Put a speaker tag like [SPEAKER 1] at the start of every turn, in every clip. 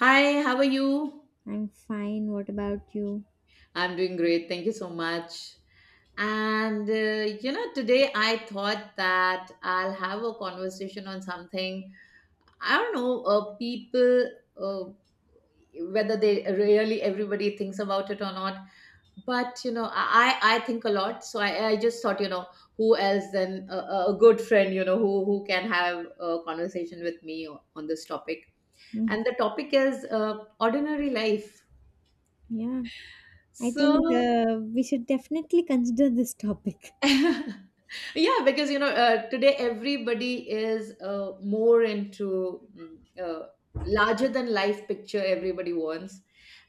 [SPEAKER 1] Hi, how are you?
[SPEAKER 2] I'm fine. What about you?
[SPEAKER 1] I'm doing great. Thank you so much. Today I thought that I'll have a conversation on something. I don't know, people, uh, whether they really everybody thinks about it or not. But you know, I think a lot. So I just thought. Who else than a good friend, you know, who can have a conversation with me on this topic.
[SPEAKER 2] Mm,
[SPEAKER 1] And the topic is ordinary life.
[SPEAKER 2] yeah, I think
[SPEAKER 1] So
[SPEAKER 2] we should definitely consider this topic.
[SPEAKER 1] yeah, because today everybody is more into uh, larger than life picture, everybody wants,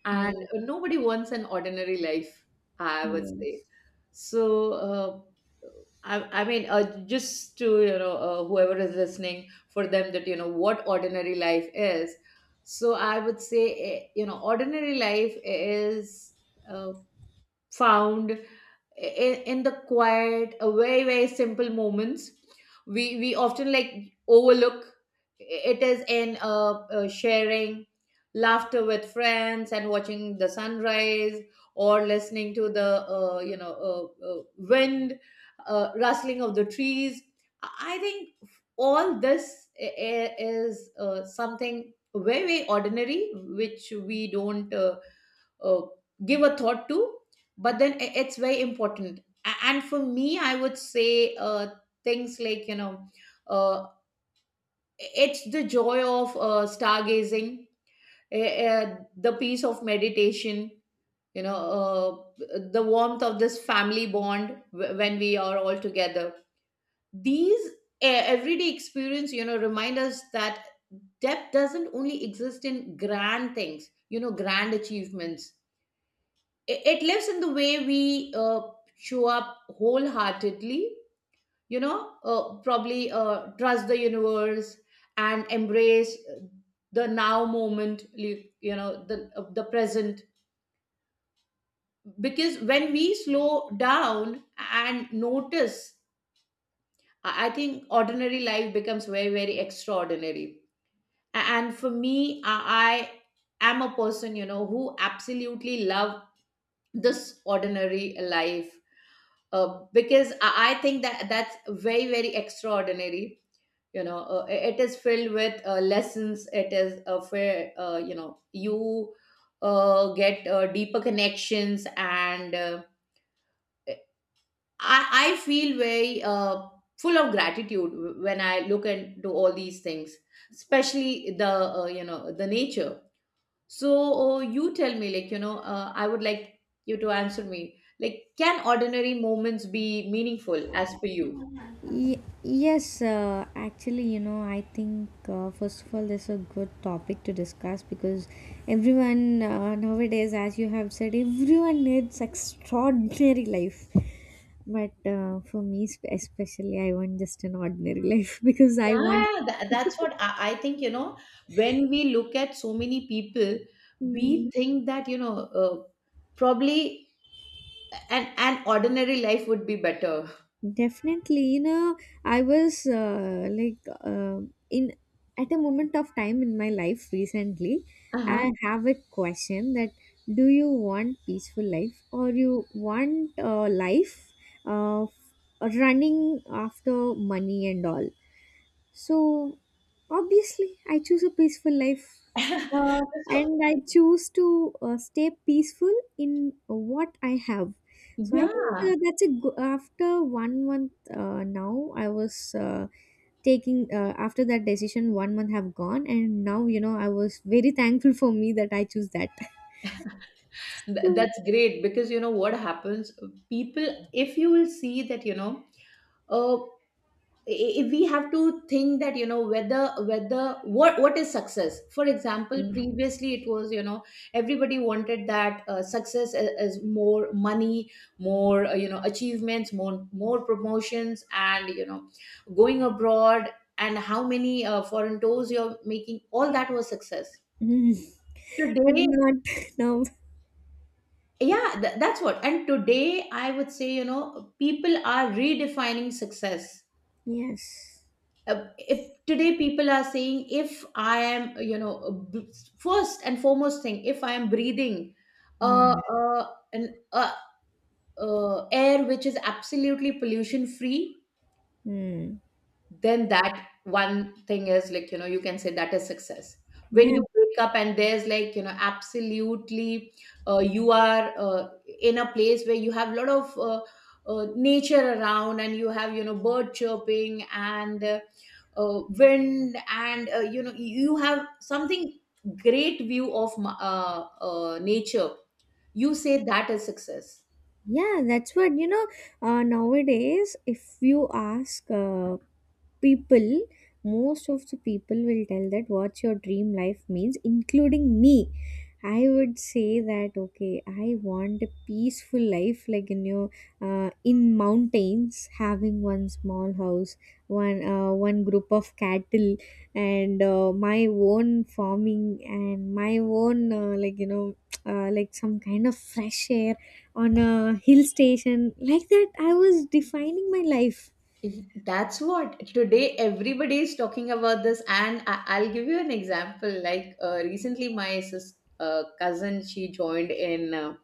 [SPEAKER 1] and
[SPEAKER 2] Yes.
[SPEAKER 1] nobody wants an ordinary life, I would say.
[SPEAKER 2] Yes.
[SPEAKER 1] So I mean, just to whoever is listening, for them, that you know what ordinary life is. So I would say, you know, ordinary life is uh, found in the quiet very very simple moments we often like overlook. It is in sharing laughter with friends and watching the sunrise, or listening to the wind, rustling of the trees. I I think all this is something very very ordinary, which we don't uh, give a thought to, but then it's very important. And for me, I would say, uh, things like uh, it's the joy of stargazing, the peace of meditation, you know uh, the warmth of this family bond when we are all together. These everyday experience, you know, remind us that depth doesn't only exist in grand things, you know, grand achievements. It lives in the way we show up wholeheartedly, probably trust the universe and embrace the now moment, you know, the present. Because when we slow down and notice, I think ordinary life becomes very very extraordinary. And for me, I am a person, you know, who absolutely love this ordinary life, because I think that that's very very extraordinary. It is filled with lessons, it is a fair, you get deeper connections, and I, I feel very full of gratitude when I look into all these things, especially the nature. So you tell me, I would like you to answer me. Like, can ordinary moments be meaningful as per you?
[SPEAKER 2] Yes, actually, you know, I think first of all, this is a good topic to discuss because everyone nowadays, as you have said, everyone needs extraordinary life. But for me, especially, I want just an ordinary life because I want.
[SPEAKER 1] Yeah, that's what I think, you know, when we look at so many people, we think that, you know, probably an ordinary life would be better.
[SPEAKER 2] Definitely, you know, I was like in at a moment of time in my life recently.
[SPEAKER 1] Uh-huh.
[SPEAKER 2] I have a question that do you want peaceful life or you want life uh, running after money and all? So obviously, I choose a peaceful life,
[SPEAKER 1] So,
[SPEAKER 2] and I choose to stay peaceful in what I have. So I think
[SPEAKER 1] yeah,
[SPEAKER 2] that's a after 1 month now I was taking after that decision 1 month have gone and now you know I was very thankful for me that I choose that. So,
[SPEAKER 1] that's great because you know what happens? People, if you will see that, you know, uh, if we have to think that you know whether whether what is success. For example,
[SPEAKER 2] mm,
[SPEAKER 1] previously it was, you know, everybody wanted that success is more money, more achievements, more promotions, and you know, going abroad, and how many foreign tours you're making, all that was success
[SPEAKER 2] mm, but
[SPEAKER 1] today.
[SPEAKER 2] not now.
[SPEAKER 1] Yeah, that's what. And today I would say, you know, people are redefining success.
[SPEAKER 2] Yes.
[SPEAKER 1] If today people are saying, if I am, you know, first and foremost thing, if I am breathing
[SPEAKER 2] Mm.
[SPEAKER 1] an air which is absolutely pollution free,
[SPEAKER 2] Mm.
[SPEAKER 1] then that one thing is, like you know, you can say that is success. When
[SPEAKER 2] Yeah.
[SPEAKER 1] you wake up and there's, like you know, absolutely you are in a place where you have a lot of nature around, and you have, you know, bird chirping, and wind, and you have something great view of nature, you say that is success.
[SPEAKER 2] Yeah, that's what you know. Nowadays, if you ask people, most of the people will tell that what your dream life means, including me. I would say that okay, I want a peaceful life, like you know, in mountains, having one small house, one group of cattle, and my own farming and my own like you know, like some kind of fresh air on a hill station, like that I was defining my life.
[SPEAKER 1] That's what today everybody is talking about this, and I'll give you an example. Like recently, my cousin, she joined in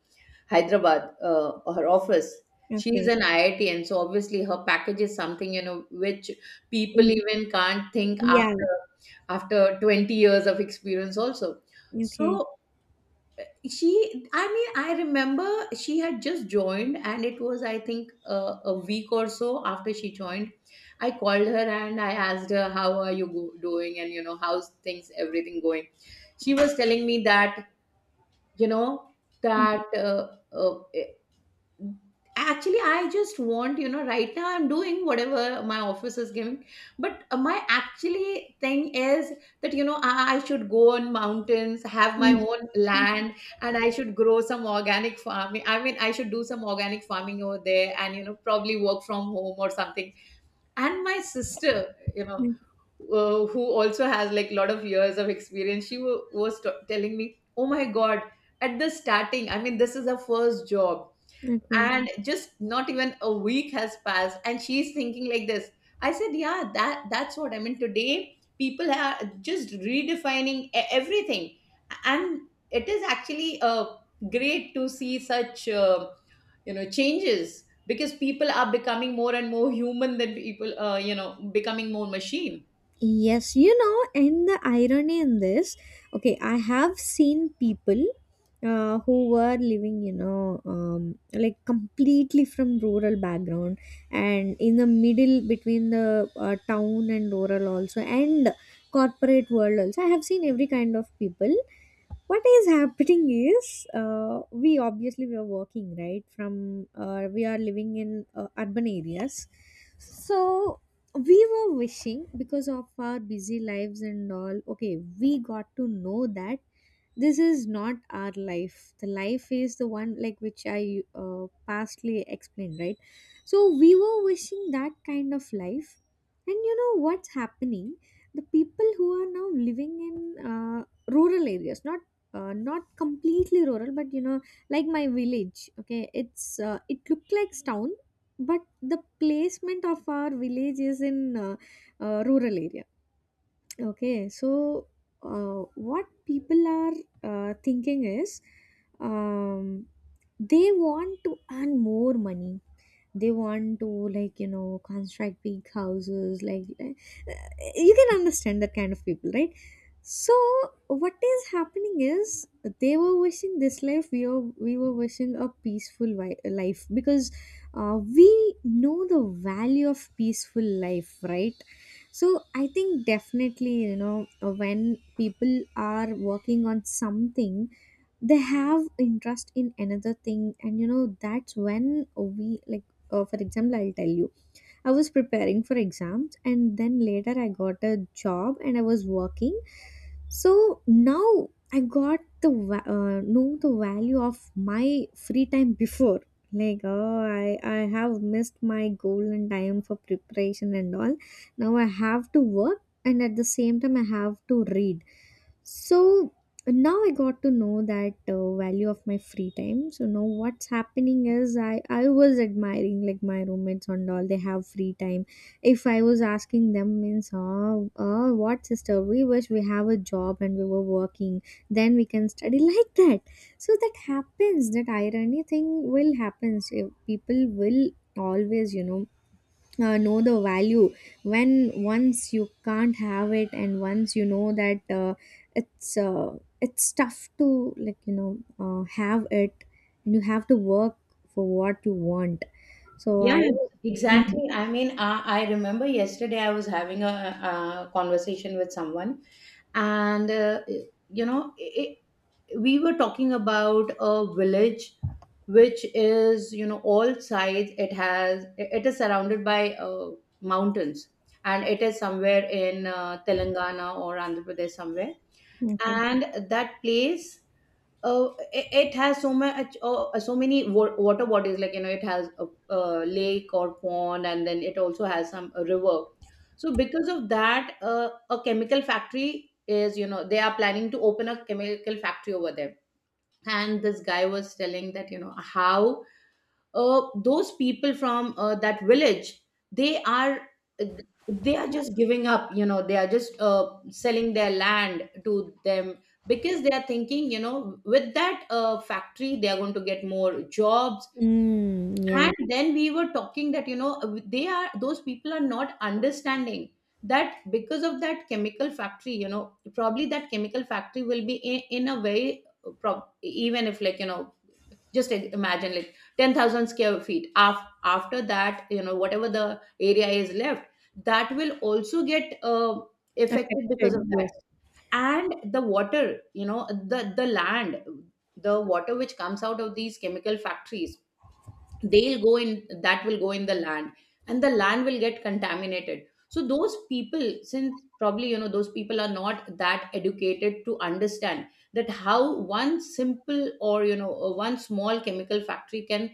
[SPEAKER 1] Hyderabad, her office. She's
[SPEAKER 2] Okay.
[SPEAKER 1] an IIT, and so obviously her package is something you know which people
[SPEAKER 2] In-
[SPEAKER 1] even can't think
[SPEAKER 2] yeah.
[SPEAKER 1] after after 20 years of experience also.
[SPEAKER 2] Okay.
[SPEAKER 1] So she, I mean, I remember she had just joined, and it was, I think, a week or so after she joined. I called her and I asked her, how are you doing? And, you know, how's things, everything going? She was telling me that, you know,
[SPEAKER 2] Mm,
[SPEAKER 1] that uh, actually I just want, you know, right now I'm doing whatever my office is giving, but my actually thing is that, you know, I should go on mountains, have my own land, and I should grow some organic farming, I mean I should do some organic farming over there, and you know, probably work from home or something. And my sister, you know,
[SPEAKER 2] mm, mm,
[SPEAKER 1] who also has like a lot of years of experience, she was telling me, oh my god, at the starting, I mean this is her first job,
[SPEAKER 2] okay.
[SPEAKER 1] and just not even a week has passed and she's thinking like this. I said yeah, that that's what I mean, today people are just redefining everything. And it is actually great to see such changes, because people are becoming more and more human than people becoming more machine.
[SPEAKER 2] Yes, you know, and the irony in this, okay, I have seen people who were living, you know, like completely from rural background, and in the middle between the town and rural also, and corporate world also. I have seen every kind of people. What is happening is, we are working right from we are living in urban areas, so we were wishing because of our busy lives and all. Okay, we got to know that this is not our life. The life is the one like which I pastly explained, right? So we were wishing that kind of life. And you know what's happening, the people who are now living in rural areas, not not completely rural, but you know, like my village, okay, it's it looked like town, but the placement of our village is in uh, rural area. Okay, so what people are thinking is, um, they want to earn more money, they want to like you know construct big houses, like you can understand that kind of people, right? So what is happening is they were wishing this life, we were wishing a peaceful life because we know the value of peaceful life, right? So I think definitely, you know, when people are working on something, they have interest in another thing, and you know that's when we like, for example, I'll tell you, I was preparing for exams, and then later I got a job and I was working. So now I got the know the value of my free time before. Like, oh, I have missed my golden time for preparation and all. Now I have to work, and at the same time I have to read. So, and now I got to know that value of my free time, so now what's happening is, I was admiring like my roommates and all, they have free time. If I was asking them means, oh, what sister, we wish we have a job and we were working, then we can study. Like that. So that happens, that irony thing will happen. So people will always, you know, know the value when once you can't have it, and once you know that it's uh, it's tough to like you know have it, and you have to work for what you want. So I.
[SPEAKER 1] Yeah,
[SPEAKER 2] Mm,
[SPEAKER 1] exactly. I mean, I remember yesterday I was having a conversation with someone, and you know, it, we were talking about a village which is, you know, all sides it has, it is surrounded by mountains, and it is somewhere in Telangana or Andhra Pradesh somewhere.
[SPEAKER 2] okay.
[SPEAKER 1] And that place, it has so much, so many water bodies, like you know it has a lake or pond, and then it also has some a river. So because of that, a chemical factory is, you know, they are planning to open a chemical factory over there. And this guy was telling that, you know, how those people from that village, they are uh, they are just giving up, you know, they are just selling their land to them, because they are thinking, you know, with that factory they are going to get more jobs.
[SPEAKER 2] Mm, yes.
[SPEAKER 1] And then we were talking that, you know, they are, those people are not understanding, that because of that chemical factory, you know, probably that chemical factory will be in a very even if, like you know, just imagine like 10,000 square feet. After that, you know, whatever the area is left, that will also get affected
[SPEAKER 2] Affected,
[SPEAKER 1] because of that.
[SPEAKER 2] yes.
[SPEAKER 1] And the water, you know, the land, the water which comes out of these chemical factories, they'll go in that will go in the land, and the land will get contaminated. So those people, since probably, you know, those people are not that educated to understand that how one simple, or you know, one small chemical factory can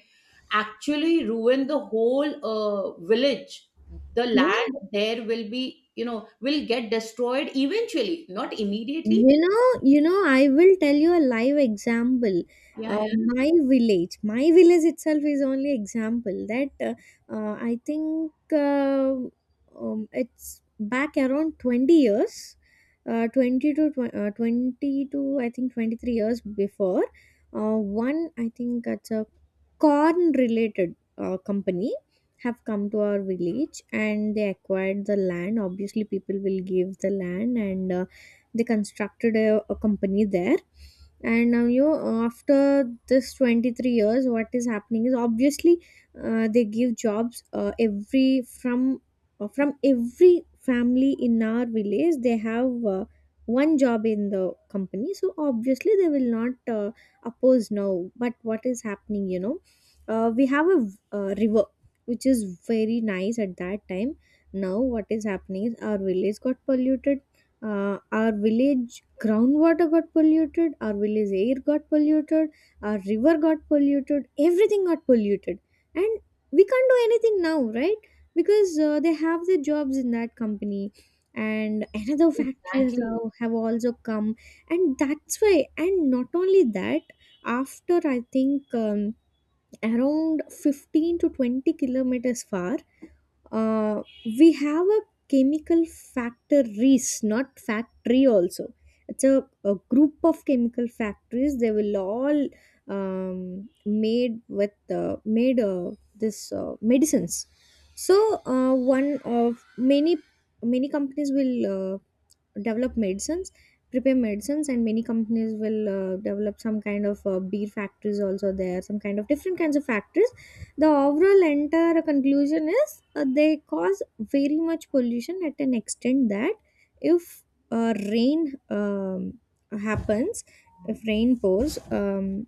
[SPEAKER 1] actually ruin the whole village. The
[SPEAKER 2] Yeah.
[SPEAKER 1] land there will be, you know, will get destroyed eventually, not immediately.
[SPEAKER 2] You know, I will tell you a live example.
[SPEAKER 1] yeah yeah
[SPEAKER 2] My village itself is only example that I think it's back around 20 years, uh, 20 to tw- uh, 20 to I think 23 years before. One, I think that's a corn related company have come to our village and they acquired the land. Obviously, people will give the land, and they constructed a company there. And now you know, after this 23 years what is happening is obviously they give jobs every from every family in our village they have one job in the company, so obviously they will not oppose now. But what is happening, you know, we have a river which is very nice at that time. Now what is happening is our village got polluted, our village groundwater got polluted, our village air got polluted, our river got polluted, everything got polluted. And we can't do anything now, right? Because they have their jobs in that company, and another factories
[SPEAKER 1] Exactly.
[SPEAKER 2] now have also come. And that's why, and not only that, after I think around 15 to 20 kilometers far, uh, we have a chemical factories, not factory also, it's a group of chemical factories. They will all made this medicines. So one of many, many companies will develop medicines, prepare medicines, and many companies will develop some kind of beer factories also there, some kind of different kinds of factories. The overall entire conclusion is, they cause very much pollution at an extent that, if rain happens, if rain pours,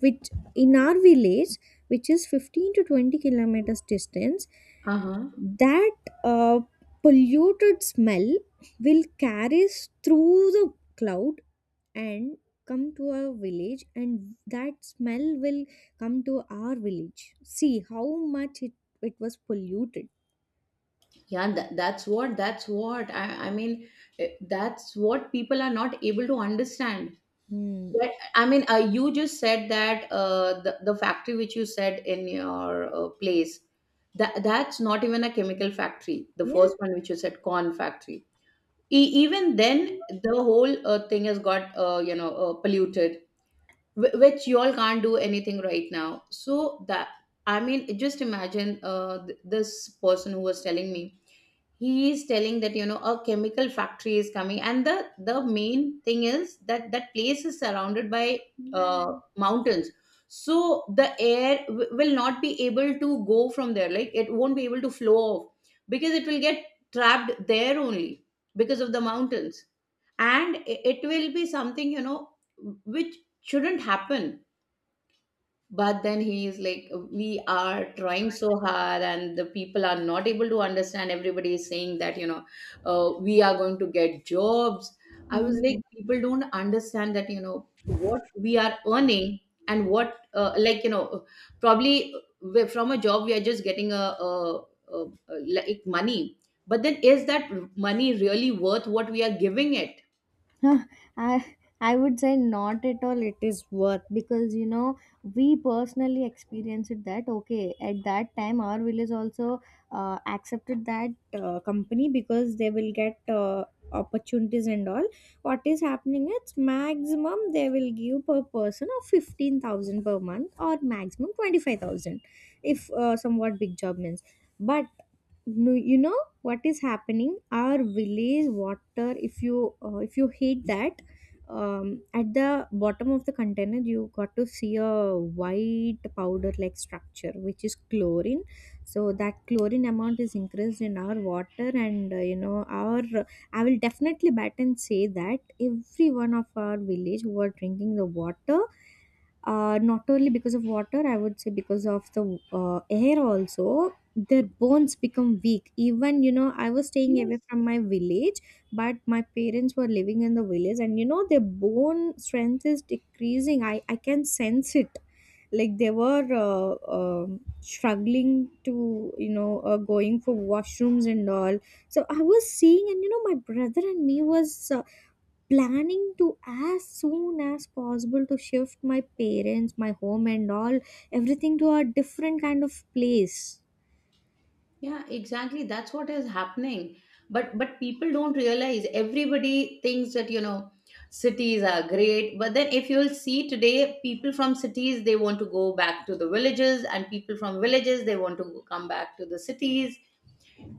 [SPEAKER 2] which in our village, which is 15 to 20 kilometers distance,
[SPEAKER 1] Uh-huh.
[SPEAKER 2] that uh, polluted smell will carry us through the cloud and come to our village, and that smell will come to our village. See how much it was polluted.
[SPEAKER 1] Yeah, that's what, that's what I mean, that's what people are not able to understand.
[SPEAKER 2] Hmm.
[SPEAKER 1] But, I mean, you just said that the factory which you said in your place, that that's not even a chemical factory. The first
[SPEAKER 2] Yeah.
[SPEAKER 1] one which you said, corn factory, even then the whole thing has got polluted, which you all can't do anything right now. So that, I mean, just imagine, this person who was telling me, he is telling that, you know, a chemical factory is coming, and the main thing is that that place is surrounded by mountains. So the air will not be able to go from there, like it won't be able to flow off, because it will get trapped there only, because of the mountains. And it will be something, you know, which shouldn't happen. But then he is like, we are trying so hard, and the people are not able to understand. Everybody is saying that, you know, we are going to get jobs. I was like,
[SPEAKER 2] Hmm.
[SPEAKER 1] people don't understand that, you know, what we are earning, and what, probably, from a job we are just getting a, a like money. But then, is that money really worth what we are giving it?
[SPEAKER 2] I I would say not at all it is worth, because you know we personally experienced it that okay, at that time our village also accepted that company because they will get opportunities and all. What is happening, it's maximum they will give per person of 15,000 per month or maximum 25,000, if somewhat big job means. But no, you know what is happening, our village water, if you heat that, at the bottom of the container you got to see a white powder like structure, which is chlorine. So that chlorine amount is increased in our water. And you know, our I will definitely bet and say that every one of our village who are drinking the water, not only because of water, I would say because of the air also, their bones become weak. Even, you know, I was staying
[SPEAKER 1] Yes.
[SPEAKER 2] away from my village, but my parents were living in the village, and, you know, their bone strength is decreasing. I can sense it. Like they were struggling to, you know, going for washrooms and all. So I was seeing, and, you know, my brother and me was planning to as soon as possible to shift my parents, my home and all, everything to a different kind of place.
[SPEAKER 1] Yeah, exactly. That's what is happening. But people don't realize, everybody thinks that, you know, cities are great. But then if you'll see today, people from cities they want to go back to the villages, and people from villages they want to come back to the cities.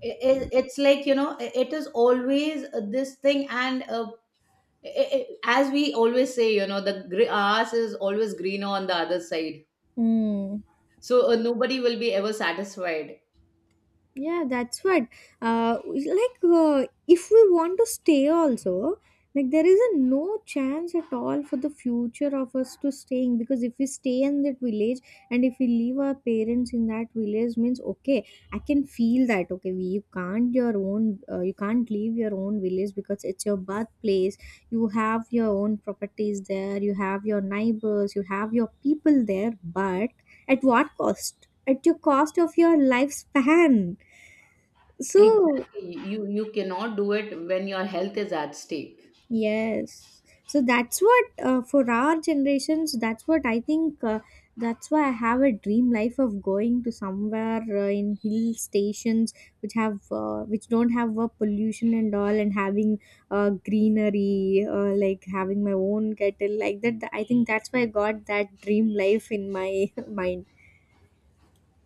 [SPEAKER 1] It's like, it is always this thing and i- i- as we always say, the grass is always greener on the other side.
[SPEAKER 2] Hmm.
[SPEAKER 1] Nobody will be ever satisfied.
[SPEAKER 2] Yeah, that's what. Like, if we want to stay also, like, there is a no chance at all for the future of us to staying. Because if we stay in that village, and if we leave our parents in that village, means okay, I can feel that. Okay, we, you can't your own, you can't leave your own village because it's your birthplace. You have your own properties there. You have your neighbors. You have your people there. But at what cost? At your cost of your lifespan. So,
[SPEAKER 1] Exactly. You cannot do it when your health is at stake.
[SPEAKER 2] yes. So that's what for our generations, that's what I think. That's why I have a dream life of going to somewhere in hill stations, which have which don't have pollution and all, and having greenery, like having my own kettle like that. I think that's why I got that dream life in my mind.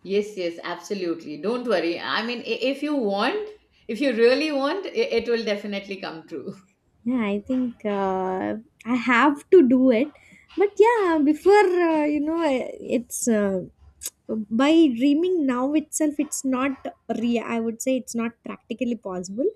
[SPEAKER 1] Yes, yes, absolutely. Don't worry. I mean, if you want, if you really want, it will definitely come true.
[SPEAKER 2] Yeah, I think I have to do it. But yeah, before you know, it's. By dreaming now itself, it's not real, I would say. It's not practically possible,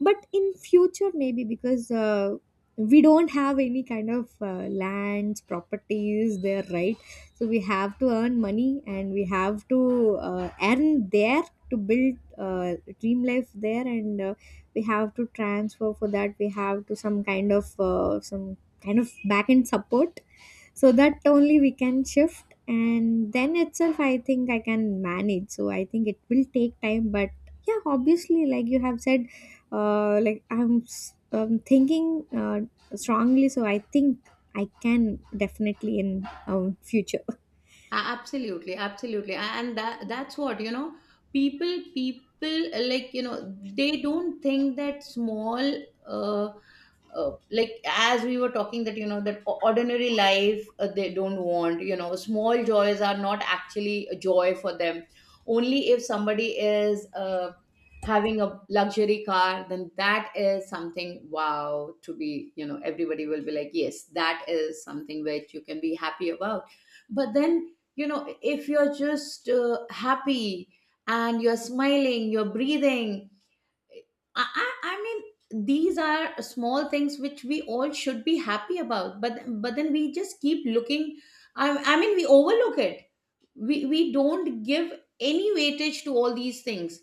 [SPEAKER 2] but in future maybe, because we don't have any kind of lands, properties there, right? So we have to earn money and we have to earn there to build dream life there. And we have to transfer. For that we have to some kind of kind of back end support, so that only we can shift and then itself I think I can manage. So I think it will take time, but yeah, obviously like you have said, like I'm thinking uh, strongly, so I think I can definitely in future.
[SPEAKER 1] Absolutely, absolutely. And that's what, you know, people like, you know, they don't think that small uh like as we were talking that you know that ordinary life they don't want, you know, small joys are not actually a joy for them. Only if somebody is having a luxury car, then that is something wow to be, you know, everybody will be like yes, that is something which you can be happy about. But then you know if you're just happy and you're smiling, you're breathing. I mean, these are small things which we all should be happy about, but then we just keep looking. I, I mean, we overlook it. We don't give any weightage to all these things.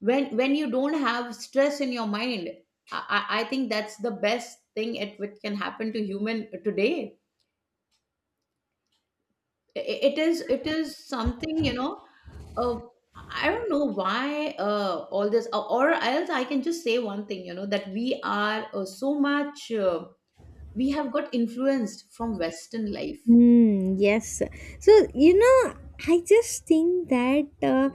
[SPEAKER 1] When you don't have stress in your mind, I think that's the best thing it which can happen to human today. It is something, you know, uh, I don't know why all this, or else I can just say one thing, you know, that we are so much we have got influenced from western life.
[SPEAKER 2] Mm, yes. So, you know, I just think that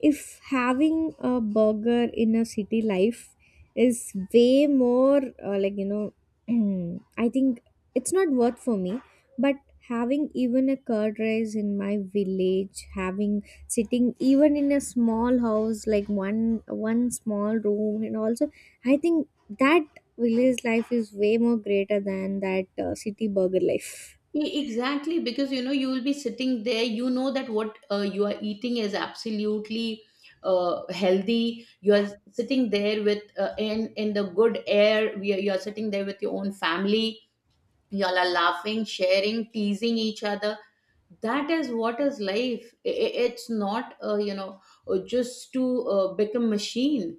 [SPEAKER 2] if having a burger in a city life is way more, I think it's not worth for me. But having even a curd rice in my village, having sitting even in a small house, like one small room, and also I think that village life is way more greater than that city burger life.
[SPEAKER 1] Exactly, because you know you will be sitting there. You know that what you are eating is absolutely healthy. You are sitting there with in the good air. You are sitting there with your own family. You all are laughing, sharing, teasing each other. That is what is life. It's not you know just to become machine.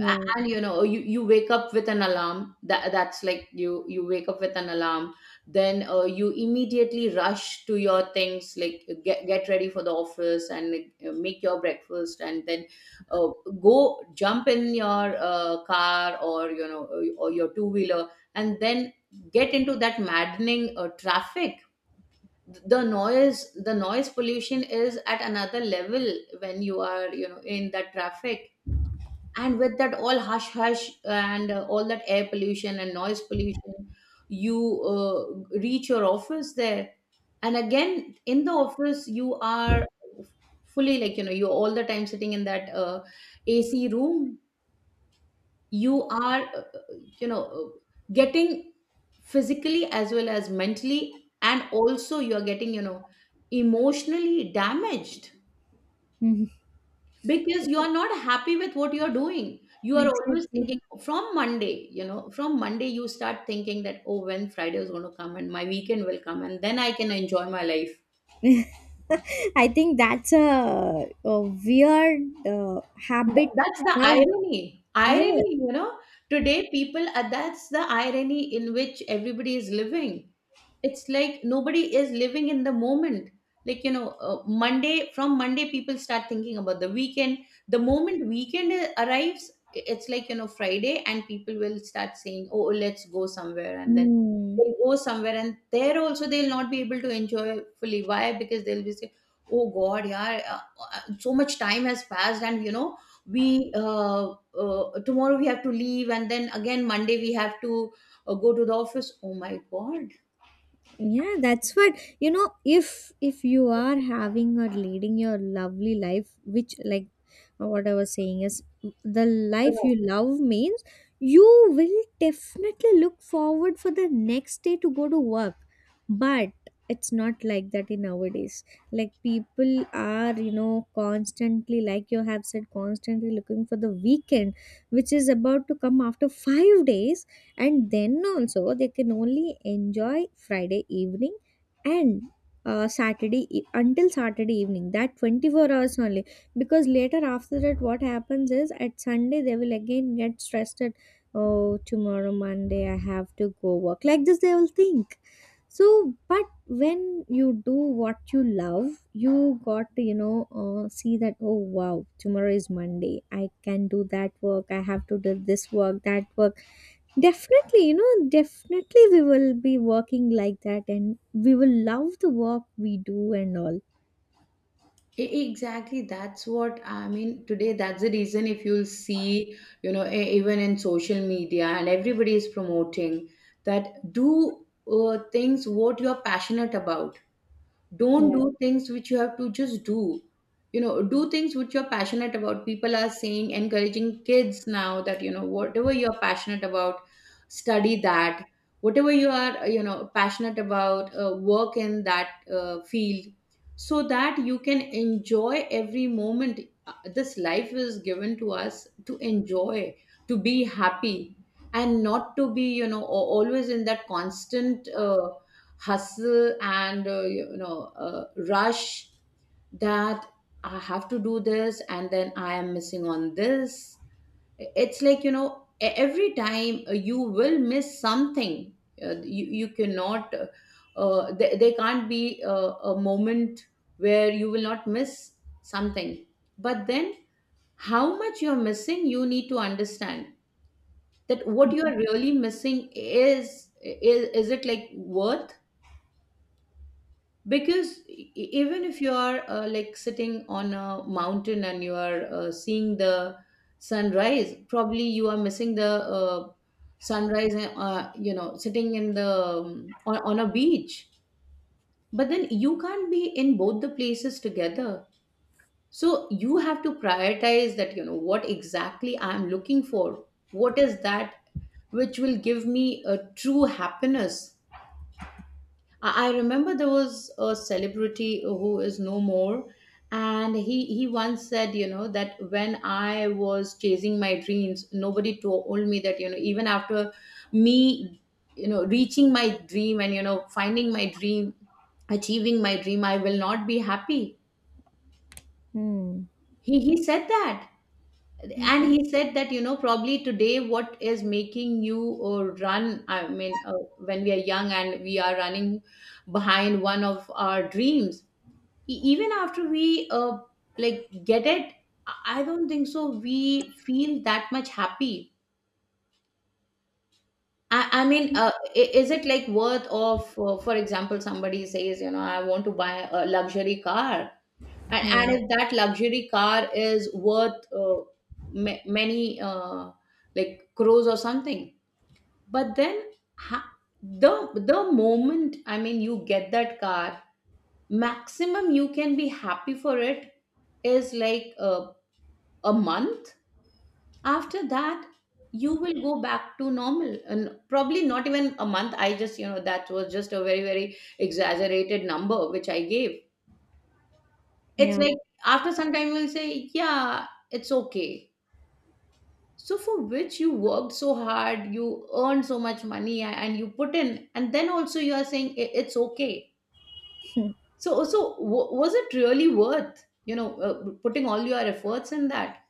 [SPEAKER 1] And you know you wake up with an alarm, that that's like you wake up with an alarm, then you immediately rush to your things like get ready for the office and like, make your breakfast and then uh, go jump in your car or you know or your two wheeler, and then get into that maddening traffic. The noise pollution is at another level when you are, you know, in that traffic, and with that all hush hush and all that air pollution and noise pollution, you reach your office there, and again in the office you are fully, like you know you're all the time sitting in that AC room. You are you know uh, getting physically as well as mentally, and also you are getting, you know, emotionally damaged
[SPEAKER 2] Mhm.
[SPEAKER 1] because you are not happy with what you are doing. You are always
[SPEAKER 2] Exactly.
[SPEAKER 1] thinking from Monday, you know from Monday you start thinking that oh when Friday is going to come and my weekend will come and then I can enjoy my life.
[SPEAKER 2] I think that's a weird habit
[SPEAKER 1] That's the
[SPEAKER 2] now.
[SPEAKER 1] irony.
[SPEAKER 2] Yeah.
[SPEAKER 1] Irony, you know, today people, that's the irony in which everybody is living. It's like nobody is living in the moment. Like, you know, Monday, from Monday, people start thinking about the weekend. The moment weekend arrives, it's like, you know, Friday, and people will start saying, oh, let's go somewhere. And then
[SPEAKER 2] Mm.
[SPEAKER 1] they'll go somewhere, and there also they'll not be able to enjoy fully. Why? Because they'll be saying, oh, God, yeah, so much time has passed, and, you know, we tomorrow we have to leave, and then again Monday we have to go to the office, oh my god.
[SPEAKER 2] Yeah, that's what, you know, if you are having or leading your lovely life, which, like what I was saying is, the
[SPEAKER 1] Yeah.
[SPEAKER 2] life you love means you will definitely look forward for the next day to go to work. But it's not like that in nowadays. Like, people are, you know, constantly, like you have said, constantly looking for the weekend, which is about to come after 5 days. And then also they can only enjoy Friday evening, and Saturday until Saturday evening, that 24 hours only. Because later after that, what happens is at Sunday they will again get stressed at, oh, tomorrow Monday I have to go work, like this they will think. So but when you do what you love, you got to, you know, see that, oh wow, tomorrow is Monday, I can do that work, I have to do this work, that work. Definitely, you know, definitely we will be working like that, and we will love the work we do and all.
[SPEAKER 1] Exactly, that's what I mean. Today, that's the reason if you'll see, you know, even in social media, and everybody is promoting that, do things what you are passionate about. Don't
[SPEAKER 2] Yeah.
[SPEAKER 1] do things which you have to just do. You know, do things which you're passionate about. People are saying, encouraging kids now that you know whatever you're passionate about, study that. Whatever you are, you know, passionate about, work in that field, so that you can enjoy every moment. This life is given to us to enjoy, to be happy, and not to be, you know, always in that constant hustle and rush that I have to do this and then I am missing on this. It's like you know every time you will miss something. You cannot there can't be a moment where you will not miss something. But then, how much you're missing you need to understand, that what you are really missing is it like worth. Because even if you are like sitting on a mountain and you are seeing the sunrise, probably you are missing the uh, sunrise you know sitting in the on a beach. But then you can't be in both the places together. So you have to prioritize that, you know, what exactly I am looking for, what is that which will give me a true happiness. I remember there was a celebrity who is no more, and he once said, you know, that when I was chasing my dreams, nobody told me that, you know, even after me, you know, reaching my dream and you know finding my dream, achieving my dream, I will not be happy.
[SPEAKER 2] Hmm.
[SPEAKER 1] He said that, and he said that you know probably today what is making you run. I mean, when we are young and we are running behind one of our dreams. Even after we like get it, I don't think so we feel that much happy. I mean is it like worth of for example somebody says you know I want to buy a luxury car,
[SPEAKER 2] Yeah.
[SPEAKER 1] and if that luxury car is worth many uh, like crores or something. But then ha- the the moment, I mean, you get that car, maximum you can be happy for it is like a month. After that you will go back to normal, and probably not even a month. I just, you know, that was just a very, very exaggerated number which I gave. It's
[SPEAKER 2] Yeah.
[SPEAKER 1] like after some time you'll say yeah it's okay. So for which you worked so hard, you earned so much money, and you put in, and then also you are saying, it's okay." So so was it really worth, you know, putting all your efforts in that.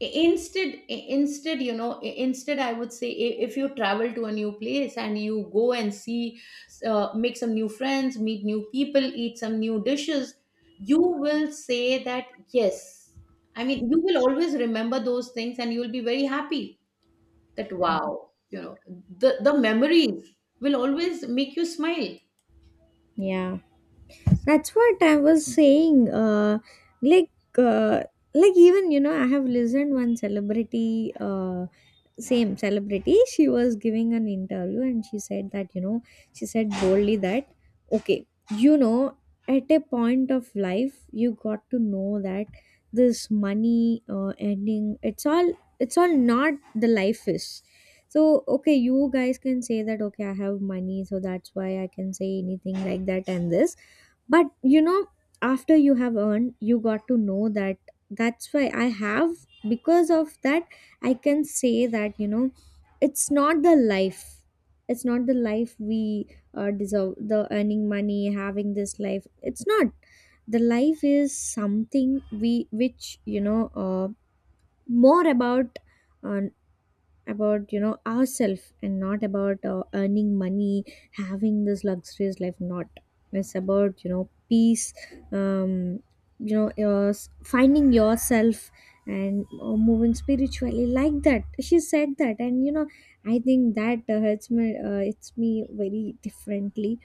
[SPEAKER 1] Instead, instead, you know, instead I would say, if you travel to a new place and you go and see, make some new friends, meet new people, eat some new dishes, you will say that yes, I mean you will always remember those things and you will be very happy. That wow, you know, the memories will always make you smile.
[SPEAKER 2] Yeah. That's what I was saying. Like, uh like, even, you know, I have listened one celebrity, same celebrity, she was giving an interview, and she said that, you know, she said boldly that, okay, you know, at a point of life you got to know that this money ending, it's all, it's all not the life is. So okay, you guys can say that, okay, I have money, so that's why I can say anything like that and this. But you know, after you have earned, you got to know that, that's why I have, because of that, I can say that, you know, it's not the life. It's not the life we deserve, the earning money, having this life. It's not. The life is something we, which, you know, more about uh, about, you know, ourselves, and not about earning money, having this luxurious life. Not. It's about, you know, peace, um, you know, your finding yourself, and moving spiritually, like that she said that, and you know, I think that hurts me, it's me very differently,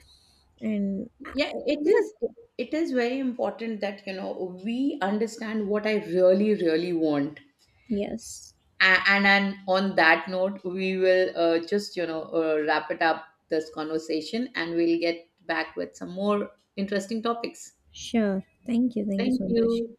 [SPEAKER 2] and
[SPEAKER 1] Yeah, it
[SPEAKER 2] yeah.
[SPEAKER 1] is, it is very important that you know we understand what I really really want.
[SPEAKER 2] Yes.
[SPEAKER 1] And on that note, we will just you know wrap it up this conversation, and we'll get back with some more interesting topics.
[SPEAKER 2] Sure, thank you, thank you
[SPEAKER 1] Thank
[SPEAKER 2] so much.
[SPEAKER 1] you.